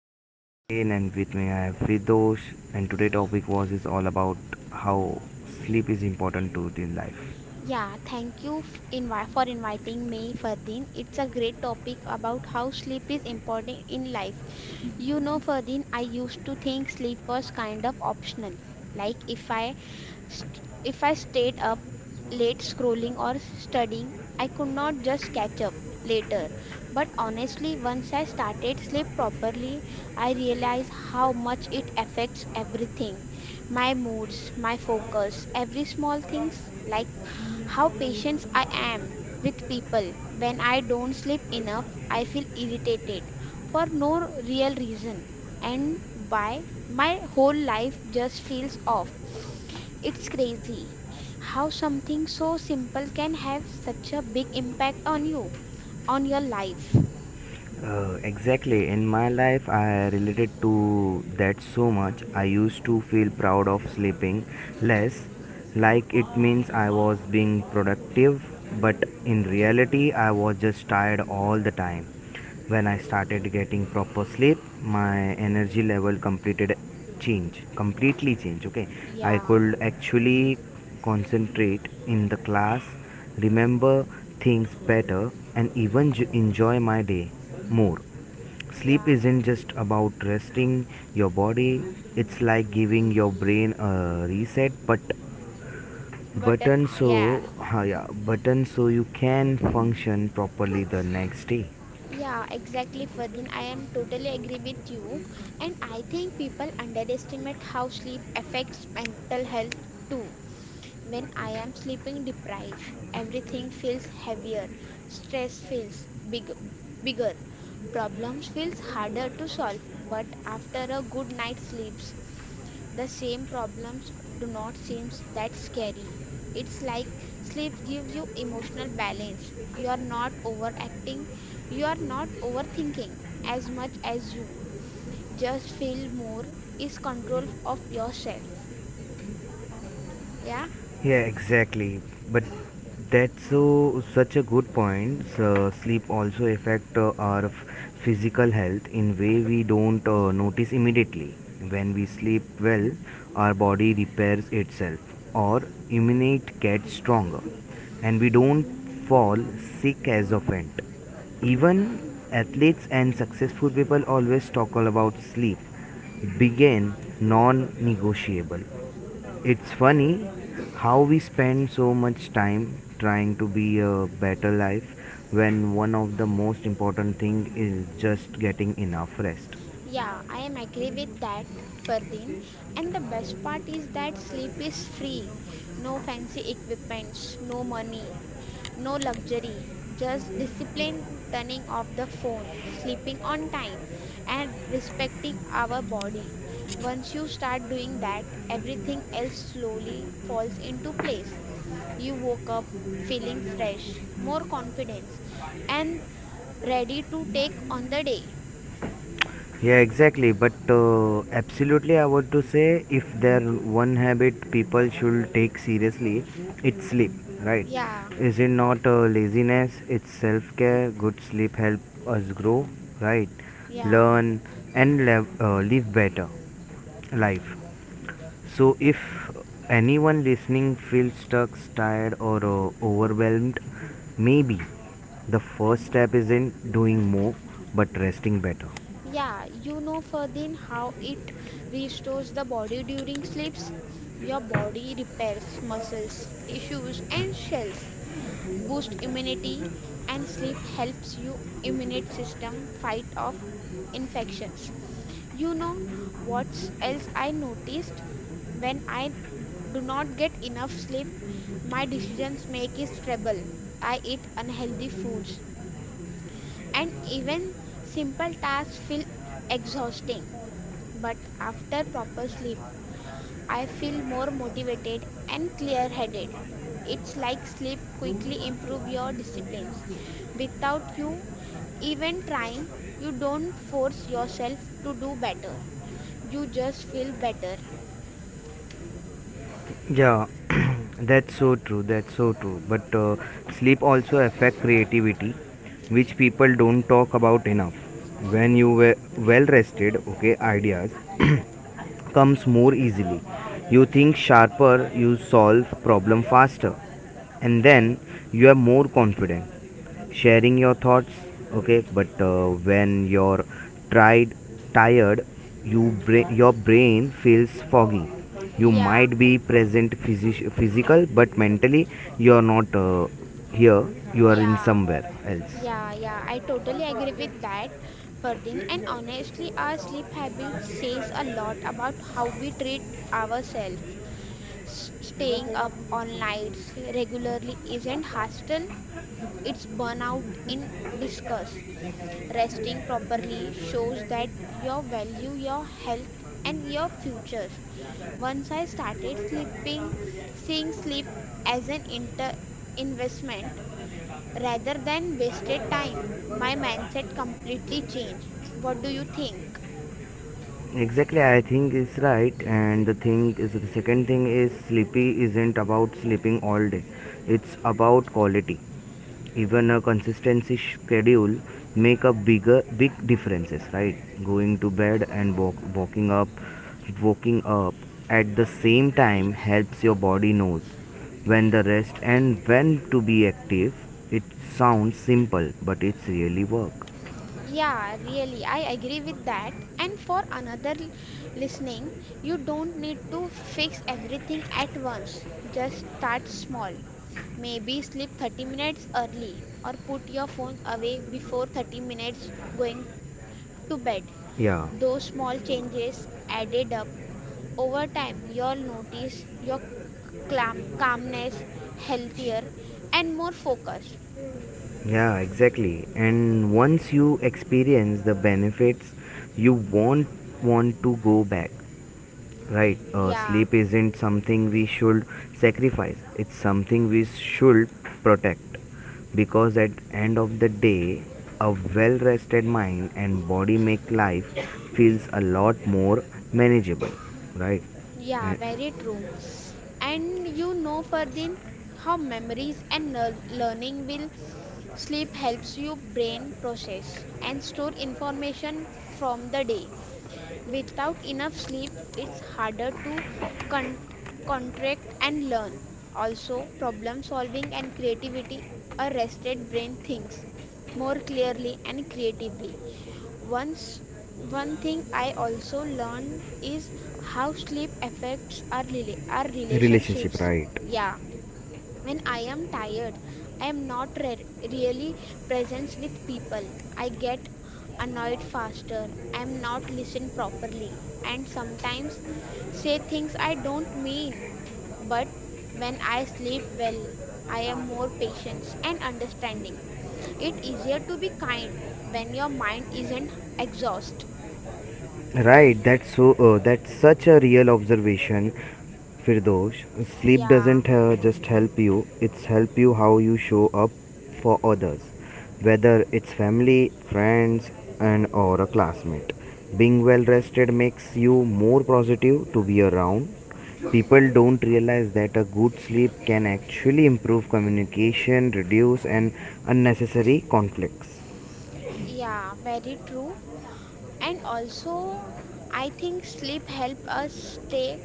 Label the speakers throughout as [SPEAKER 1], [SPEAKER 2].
[SPEAKER 1] is your Ferdin and with me I have Vidosh and today topic was is all about how sleep is important to the life.
[SPEAKER 2] Yeah, thank you for inviting me, Fardeen. It's a great topic about how sleep is important in life. You know, Fardeen, I used to think sleep was kind of optional. Like if I stayed up late scrolling or studying, I could not just catch up later. But honestly, once I started sleep properly, I realized how much it affects everything, my moods, my focus, every small things like how patient I am with people. When I don't sleep enough, I feel irritated for no real reason and why my whole life just feels off. It's crazy how something so simple can have such a big impact on you, on your life.
[SPEAKER 1] Exactly, in my life I related to that so much. I used to feel proud of sleeping less like it means I was being productive but in reality I was just tired all the time. When I started getting proper sleep, my energy level completed change completely change. Okay, I
[SPEAKER 2] Yeah,
[SPEAKER 1] could actually concentrate in the class, remember things better, and even enjoy my day more.
[SPEAKER 2] yeah.
[SPEAKER 1] Sleep isn't just about resting your body, it's like giving your brain a reset
[SPEAKER 2] But then,
[SPEAKER 1] button, so
[SPEAKER 2] yeah.
[SPEAKER 1] ha yeah, button, so you can function properly the next day.
[SPEAKER 2] Yeah, exactly, Ferdin. I am totally agree with you. And I think people underestimate how sleep affects mental health too. When I am sleeping deprived, everything feels heavier, stress feels bigger, problems feels harder to solve. But after a good night's sleep, the same problems do not seem that scary. It's like sleep gives you emotional balance. You are not overacting, you are not overthinking as much as you just feel more is control of yourself. Yeah,
[SPEAKER 1] Yeah, exactly. But that's such a good point. So sleep also affect our physical health in way we don't notice immediately. When we sleep well, our body repairs itself, or immune gets stronger, and we don't fall sick as often. Even athletes and successful people always talk all about sleep, begin non-negotiable. It's funny how we spend so much time trying to be a better life when one of the most important thing is just getting enough rest.
[SPEAKER 2] yeah, I am agree with that, Ferdin. And the best part is that sleep is free. No fancy equipments, no money, no luxury, just discipline, turning off the phone, sleeping on time, and respecting our body. Once you start doing that, everything else slowly falls into place. You woke up feeling fresh, more confidence, and ready to take on the day.
[SPEAKER 1] Yeah, exactly. But absolutely, I want to say if there one habit people should take seriously, it's sleep, right?
[SPEAKER 2] Yeah,
[SPEAKER 1] Is it not laziness? It's self care. Good sleep help us grow, right?
[SPEAKER 2] yeah.
[SPEAKER 1] Learn and live better life. So, if anyone listening feels stuck, tired, or overwhelmed, maybe the first step isn't doing more but resting better.
[SPEAKER 2] Yeah, you know, Ferdin, how it restores the body during sleeps? Your body repairs muscles, tissues, and cells, boost immunity, and sleep helps you immune system fight off infections. You know what else I noticed? When I do not get enough sleep, my decisions make is trouble. I eat unhealthy foods, and even simple tasks feel exhausting. But after proper sleep, I feel more motivated and clear headed. It's like sleep quickly improve your disciplines. Without you even trying, you don't force yourself to do better. You just feel better.
[SPEAKER 1] Yeah, that's so true. That's so true. But sleep also affect creativity, which people don't talk about enough. When you were well rested, okay, ideas comes more easily. You think sharper, you solve problem faster, and then you are more confident sharing your thoughts. Okay, but when you're tried tired, you your brain feels foggy. You
[SPEAKER 2] Yeah,
[SPEAKER 1] might be present physical but mentally you're not here, you are in
[SPEAKER 2] yeah.
[SPEAKER 1] somewhere else.
[SPEAKER 2] Yeah, I totally agree with that, Fardin. And honestly, our sleep habit says a lot about how we treat ourselves. Staying up all nights regularly isn't hostile, it's burnout in discuss. Resting properly shows that you value your health and your future. Once I started sleeping, seeing sleep as investment rather than wasted time, my mindset completely changed. What do you think?
[SPEAKER 1] Exactly, I think it's right. And the thing is, the second thing is, sleepy isn't about sleeping all day, it's about quality. Even a consistency schedule make a big differences, right? Going to bed and walk, walking up waking up at the same time helps your body knows when the rest and when to be active. It sounds simple but it's really work.
[SPEAKER 2] Yeah, really, I agree with that. And for listening, you don't need to fix everything at once. Just start small. Maybe sleep 30 minutes early or put your phone away before 30 minutes going to bed.
[SPEAKER 1] Yeah,
[SPEAKER 2] Those small changes added up over time, you'll notice your calmness, healthier, and more focused.
[SPEAKER 1] yeah, exactly, and once you experience the benefits you won't want to go back. Right,
[SPEAKER 2] Yeah,
[SPEAKER 1] sleep isn't something we should sacrifice. It's something we should protect, because at end of the day, a well-rested mind and body make life feels a lot more manageable, right?
[SPEAKER 2] yeah,
[SPEAKER 1] And
[SPEAKER 2] very true. And you know, Ferdin, how memories and learning will sleep helps your brain process and store information from the day. Without enough sleep, it's harder to con- contract and learn. Also, problem solving and creativity, a rested brain thinks more clearly and creatively. Once, one thing I also learned is how sleep affects our
[SPEAKER 1] relationship,
[SPEAKER 2] relationships.
[SPEAKER 1] right?
[SPEAKER 2] Yeah, when I am tired, I am not re- really present with people. I get annoyed faster. I am not listened properly and sometimes say things I don't mean. But when I sleep well, I am more patient and understanding. It's easier to be kind when your mind isn't exhausted.
[SPEAKER 1] Right, that's that's such a real observation, Firdosh. Sleep
[SPEAKER 2] Yeah,
[SPEAKER 1] doesn't just help you; it's help you how you show up for others, whether it's family, friends, and or a classmate. Being well rested makes you more positive to be around. People don't realize that a good sleep can actually improve communication, reduce and unnecessary conflicts.
[SPEAKER 2] yeah, very true. And also, I think sleep help us stay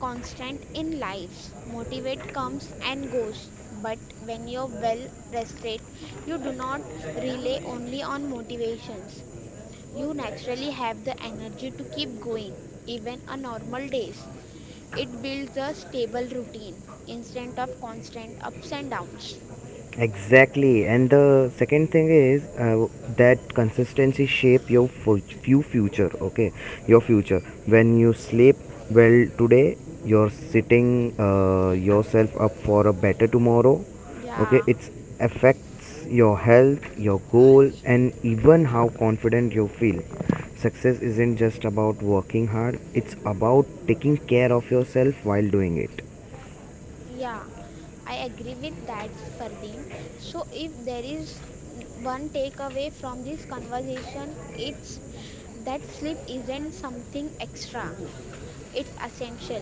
[SPEAKER 2] constant in lives. Motivate comes and goes, but when you're well rested, you do not rely only on motivations. You naturally have the energy to keep going, even on normal days. It builds a stable routine instead of constant ups and downs.
[SPEAKER 1] Exactly, and the second thing is that consistency shape your fu- few future. Okay, your future. When you sleep well today, you're sitting yourself up for a better tomorrow. Okay,
[SPEAKER 2] Yeah.
[SPEAKER 1] it affects your health, your goal, and even how confident you feel. Success isn't just about working hard; it's about taking care of yourself while doing it.
[SPEAKER 2] Yeah, I agree with that, Fardeen. So, if there is one takeaway from this conversation, it's that sleep isn't something extra, it's essential,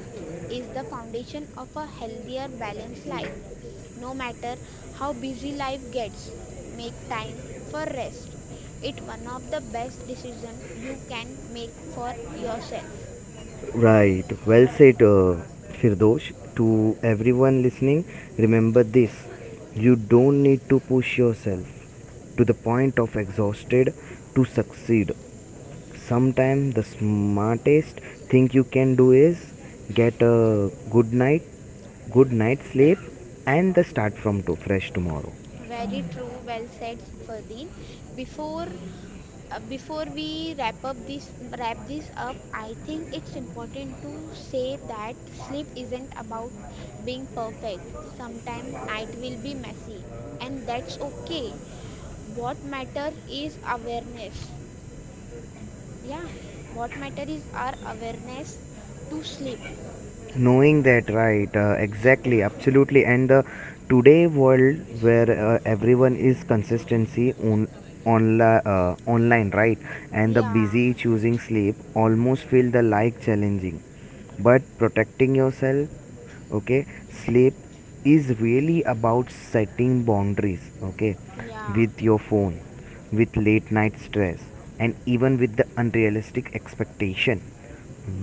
[SPEAKER 2] is the foundation of a healthier, balanced life. No matter how busy life gets, make time for rest. It's one of the best decisions you can make for yourself.
[SPEAKER 1] Right, well said, Firdosh. To everyone listening, remember this, you don't need to push yourself to the point of exhausted to succeed. Sometimes the smartest thing you can do is get a good night sleep, and the start from to fresh tomorrow.
[SPEAKER 2] Very true, well said, Fardeen. Before before we wrap this up, I think it's important to say that sleep isn't about being perfect. Sometimes night will be messy, and that's okay. What matter is awareness. Yeah, what matter is our awareness to sleep.
[SPEAKER 1] Knowing that, right, exactly, absolutely. And the today world where everyone is consistency on online, online, right, and the
[SPEAKER 2] Yeah,
[SPEAKER 1] busy choosing sleep almost feel the like challenging, but protecting yourself, okay, sleep is really about setting boundaries, okay,
[SPEAKER 2] yeah,
[SPEAKER 1] with your phone, with late night stress, and even with the unrealistic expectation.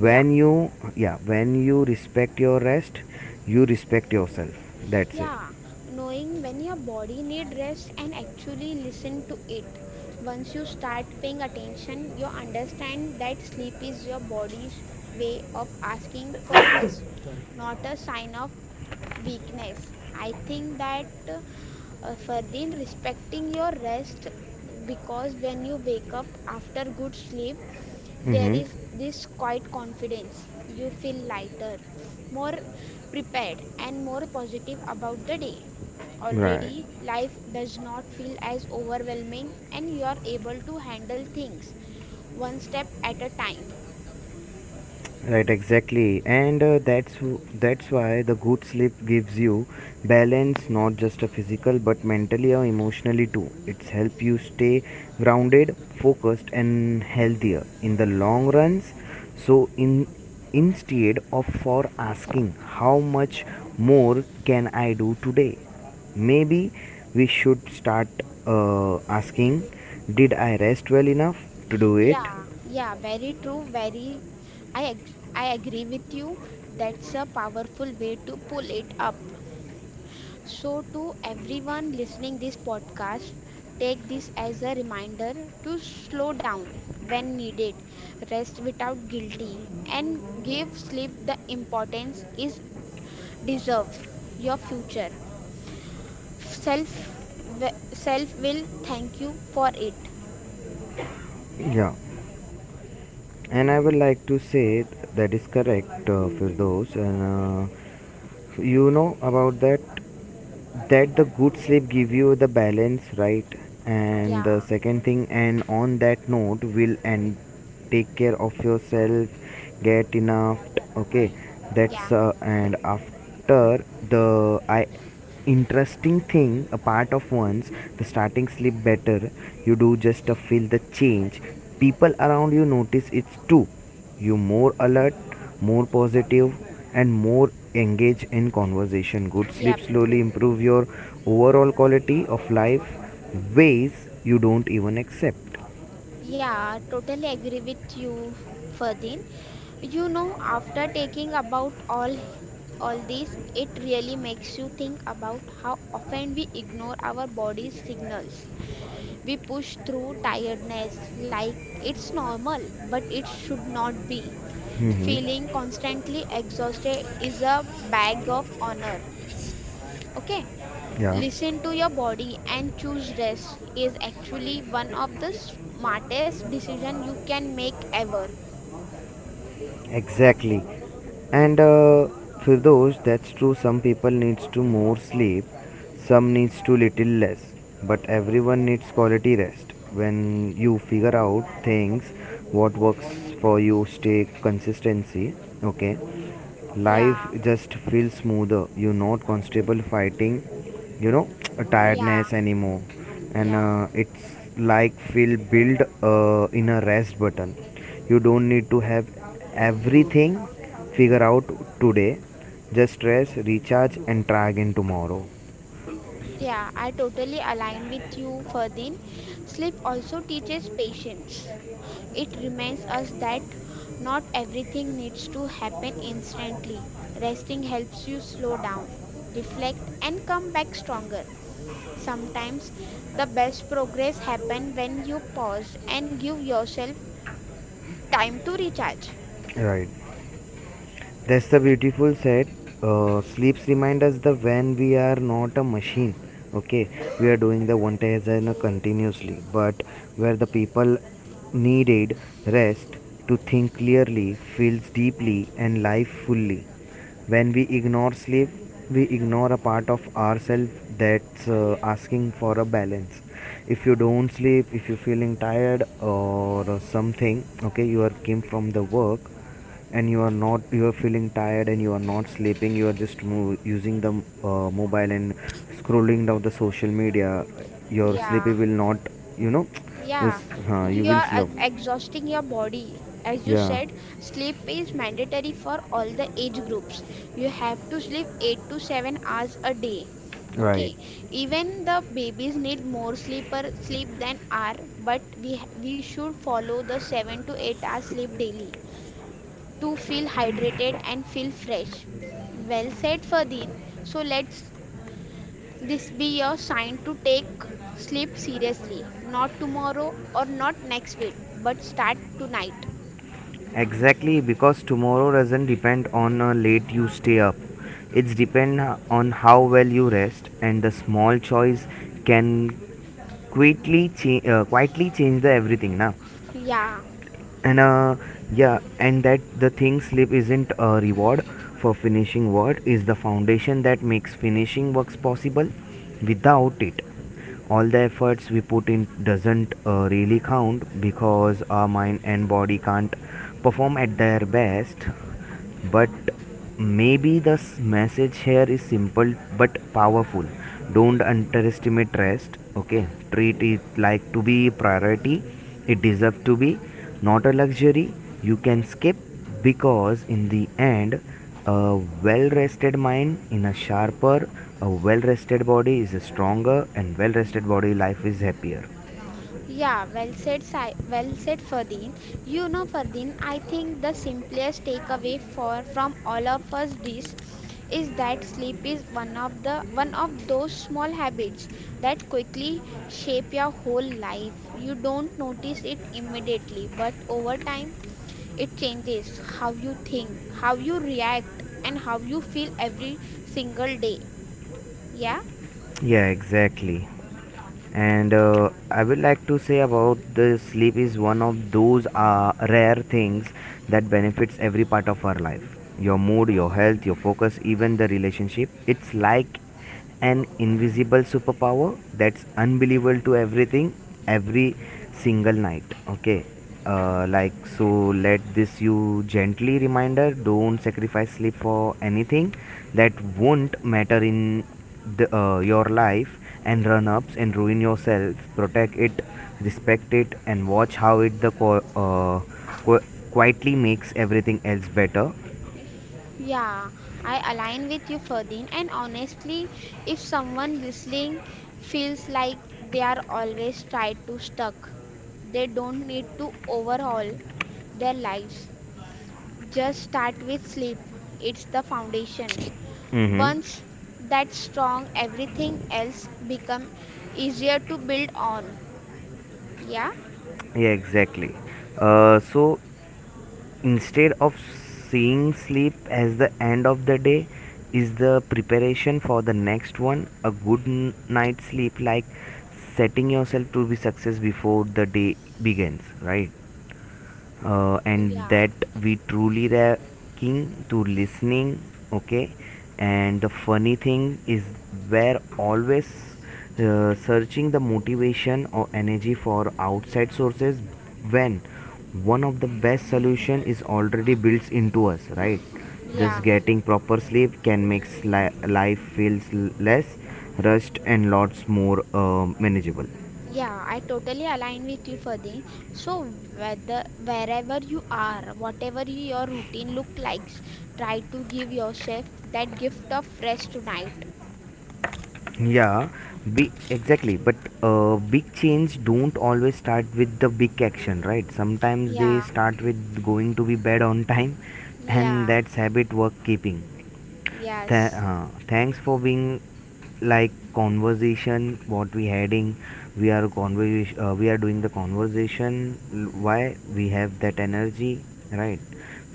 [SPEAKER 2] yeah.
[SPEAKER 1] you yeah when you respect your rest, you respect yourself, that's it.
[SPEAKER 2] Yeah, knowing when your body need rest and actually listen to it. Once you start paying attention, you understand that sleep is your body's way of asking for rest, not a sign of weakness. I think that further respecting your rest because when you wake up after good sleep, there
[SPEAKER 1] Mm-hmm.
[SPEAKER 2] is this quiet confidence. You feel lighter, more prepared, and more positive about the day.
[SPEAKER 1] Right.
[SPEAKER 2] Already, life does not feel as overwhelming, and you are able to handle things one step at a time.
[SPEAKER 1] Right, exactly, and that's that's why the good sleep gives you balance, not just a physical but mentally or emotionally too. It's help you stay grounded, focused, and healthier in the long runs. So, in instead of for asking how much more can I do today, maybe we should start asking, did I rest well enough to do it?
[SPEAKER 2] Yeah, very true. I agree with you. That's a powerful way to pull it up. So to everyone listening this podcast, take this as a reminder to slow down when needed, rest without guilty and give sleep the importance is deserve your future. Self Self will thank you for it.
[SPEAKER 1] Yeah. And I would like to say that is correct, Firdos. And you know about that that the good sleep give you the balance, right? And the
[SPEAKER 2] Yeah.
[SPEAKER 1] second thing, and on that note, will and take care of yourself, get enough. Okay,
[SPEAKER 2] Yeah.
[SPEAKER 1] that's and after the I interesting thing a part of once the starting sleep better, you do just feel the change, people around you notice it too, you more alert, more positive, and more engage in conversation. Good
[SPEAKER 2] Yep.
[SPEAKER 1] sleep slowly improve your overall quality of life ways you don't even accept.
[SPEAKER 2] Yeah, totally agree with you, Ferdin. You know, after taking about all this, it really makes you think about how often we ignore our body's signals. We push through tiredness like it's normal, but it should not be.
[SPEAKER 1] Hmm.
[SPEAKER 2] Feeling constantly exhausted is a badge of honor. Okay,
[SPEAKER 1] Yeah.
[SPEAKER 2] listen to your body and choose rest is actually one of the smartest decision you can make ever.
[SPEAKER 1] Exactly. And for those, that's true. Some people needs to more sleep, some needs to little less, but everyone needs quality rest. When you figure out things, what works for you, stay consistency. Okay,
[SPEAKER 2] Yeah,
[SPEAKER 1] life just feels smoother, you're not constable fighting, you know, a
[SPEAKER 2] yeah,
[SPEAKER 1] tiredness anymore. and
[SPEAKER 2] yeah,
[SPEAKER 1] uh, it's like feel build in a rest button, you don't need to have everything figure out today, just rest, recharge, and try again tomorrow,
[SPEAKER 2] yeah. I totally align with you, Ferdin. Sleep also teaches patience. It reminds us that not everything needs to happen instantly. Resting helps you slow down, reflect, and come back stronger. Sometimes the best progress happen when you pause and give yourself time to recharge.
[SPEAKER 1] right. That's the beautiful said. Sleeps remind us the when we are not a machine. Okay, we are doing the one task and continuously, but where the people needed rest to think clearly, feels deeply, and live fully. When we ignore sleep, we ignore a part of ourselves that's asking for a balance. If you don't sleep, if you're feeling tired or something, okay, you are came from the work and you are not you are feeling tired and you are not sleeping, you are just using the mobile and scrolling down the social media, your
[SPEAKER 2] Yeah,
[SPEAKER 1] sleepy will not, you know, yes,
[SPEAKER 2] yeah.
[SPEAKER 1] you
[SPEAKER 2] You are
[SPEAKER 1] will sleep.
[SPEAKER 2] exhausting your body. As you
[SPEAKER 1] Yeah,
[SPEAKER 2] said, sleep is mandatory for all the age groups. You have to sleep 8 to 7 hours a day.
[SPEAKER 1] right,
[SPEAKER 2] Okay, even the babies need more sleeper sleep than are, but we should follow the 7 to 8 hours sleep daily to feel hydrated and feel fresh. Well said, Ferdin. So let's this be your sign to take sleep seriously. Not tomorrow or not next week, but start tonight.
[SPEAKER 1] exactly, because tomorrow doesn't depend on how late you stay up, it's depend on how well you rest, and the small choice can quietly change the everything now.
[SPEAKER 2] Yeah,
[SPEAKER 1] And yeah, and that the thing, sleep isn't a reward for finishing work, is the foundation that makes finishing works possible. Without it, all the efforts we put in doesn't really count, because our mind and body can't perform at their best. But maybe the message here is simple but powerful. Don't underestimate rest. Okay, treat it like to be priority. It deserves to be, not a luxury you can skip, because in the end, a well-rested mind in a sharper, a well-rested body is a stronger, and well-rested body life is happier.
[SPEAKER 2] yeah, well said, Ferdin. You know, Ferdin, I think the simplest takeaway for from all of us this is that sleep is one of those small habits that quickly shape your whole life. You don't notice it immediately, but over time it changes how you think, how you react, and how you feel every single day. Yeah?
[SPEAKER 1] Yeah, exactly. And I would like to say about the sleep is one of those rare things that benefits every part of our life. Your mood, your health, your focus, even the relationship. It's like an invisible superpower that's unbelievable to everything every single night. Okay. Like so, let this you gently reminder, don't sacrifice sleep for anything that won't matter in the, your life, and run ups and ruin yourself. Protect it, respect it, and watch how it the qu- quietly makes everything else better.
[SPEAKER 2] Yeah, I align with you, Ferdin. And honestly, if someone listening feels like they are always tied to stuck, they don't need to overhaul their lives. Just start with sleep. It's the foundation.
[SPEAKER 1] Mm-hmm.
[SPEAKER 2] Once that's strong, everything else become easier to build on. Yeah?
[SPEAKER 1] Yeah, exactly. So instead of seeing sleep as the end of the day is the preparation for the next one, a good night's sleep like setting yourself to be success before the day begins, right. Uh, and
[SPEAKER 2] Yeah.
[SPEAKER 1] that we truly lacking to listening, okay, and the funny thing is we're always searching the motivation or energy for outside sources when one of the best solution is already built into us, right.
[SPEAKER 2] Yeah,
[SPEAKER 1] Just getting proper sleep can make life feels less rushed and lots more manageable.
[SPEAKER 2] yeah, I totally align with you, Fadi. So whether wherever you are, whatever your routine look like, try to give yourself that gift of rest tonight.
[SPEAKER 1] Yeah, big exactly. But big change don't always start with the big action, right? Sometimes they
[SPEAKER 2] Yeah,
[SPEAKER 1] start with going to be bed on time, and
[SPEAKER 2] yeah,
[SPEAKER 1] that's habit work keeping.
[SPEAKER 2] yes,
[SPEAKER 1] Thanks for being like conversation what we having, we are doing the conversation why we have that energy, right,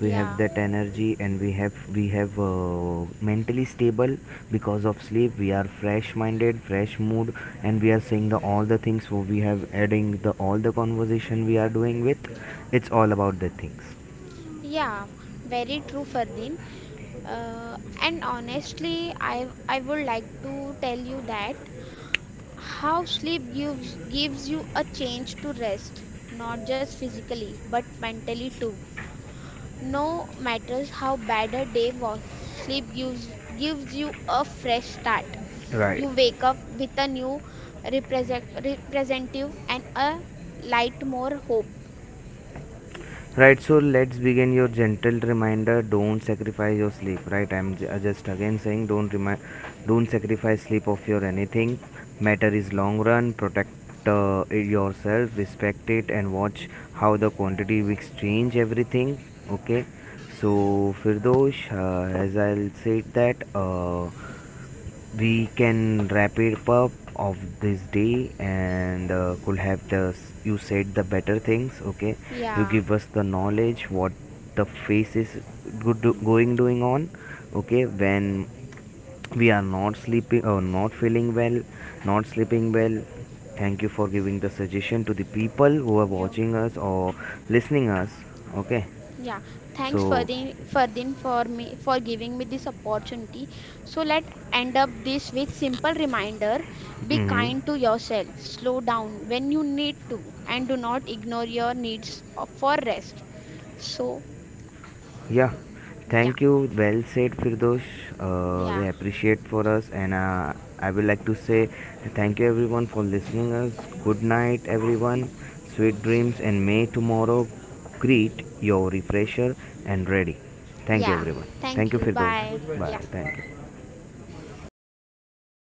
[SPEAKER 1] we have that energy, and we have mentally stable because of sleep, we are fresh minded, fresh mood, and we are saying the all the things, so we have adding the all the conversation we are doing with, it's all about the things.
[SPEAKER 2] yeah, very true, Fardeen. And honestly, I would like to tell you that how sleep gives you a chance to rest, not just physically, but mentally too. No matters how bad a day was, sleep gives you a fresh start.
[SPEAKER 1] Right.
[SPEAKER 2] You wake up with a new representative and a light more hope.
[SPEAKER 1] Right, so let's begin your gentle reminder. Don't sacrifice your sleep. Right, I'm just again saying, don't don't sacrifice sleep of your anything. Matter is long run. Protect it yourself, respect it, and watch how the quantity we exchange everything. Okay, so Firdosh, as I'll say that. We can wrap it up of this day, and could have the you said the better things, okay, you
[SPEAKER 2] Yeah,
[SPEAKER 1] give us the knowledge what the face is good going doing on, okay, when we are not sleeping or not feeling well, not sleeping well. Thank you for giving the suggestion to the people who are
[SPEAKER 2] you.
[SPEAKER 1] watching us or
[SPEAKER 2] Yeah,
[SPEAKER 1] listening us, okay,
[SPEAKER 2] yeah. Thanks
[SPEAKER 1] so
[SPEAKER 2] Ferdin for me for giving me this opportunity. So let end up this with simple reminder: be
[SPEAKER 1] mhm.
[SPEAKER 2] kind to yourself, slow down when you need to, and do not ignore your needs for rest. So
[SPEAKER 1] Yeah,
[SPEAKER 2] yeah.
[SPEAKER 1] thank you. Well said, Firdosh.
[SPEAKER 2] Yeah.
[SPEAKER 1] They appreciate for us, and I would like to say thank you everyone for listening us. Good night, everyone. Sweet dreams, and may tomorrow greet your refresher and ready. Thank you,
[SPEAKER 2] Yeah.
[SPEAKER 1] everyone. Thank
[SPEAKER 2] Thank
[SPEAKER 1] you,
[SPEAKER 2] you. Bye.
[SPEAKER 1] Firdosh.
[SPEAKER 2] Yeah.
[SPEAKER 1] Bye. Thank you.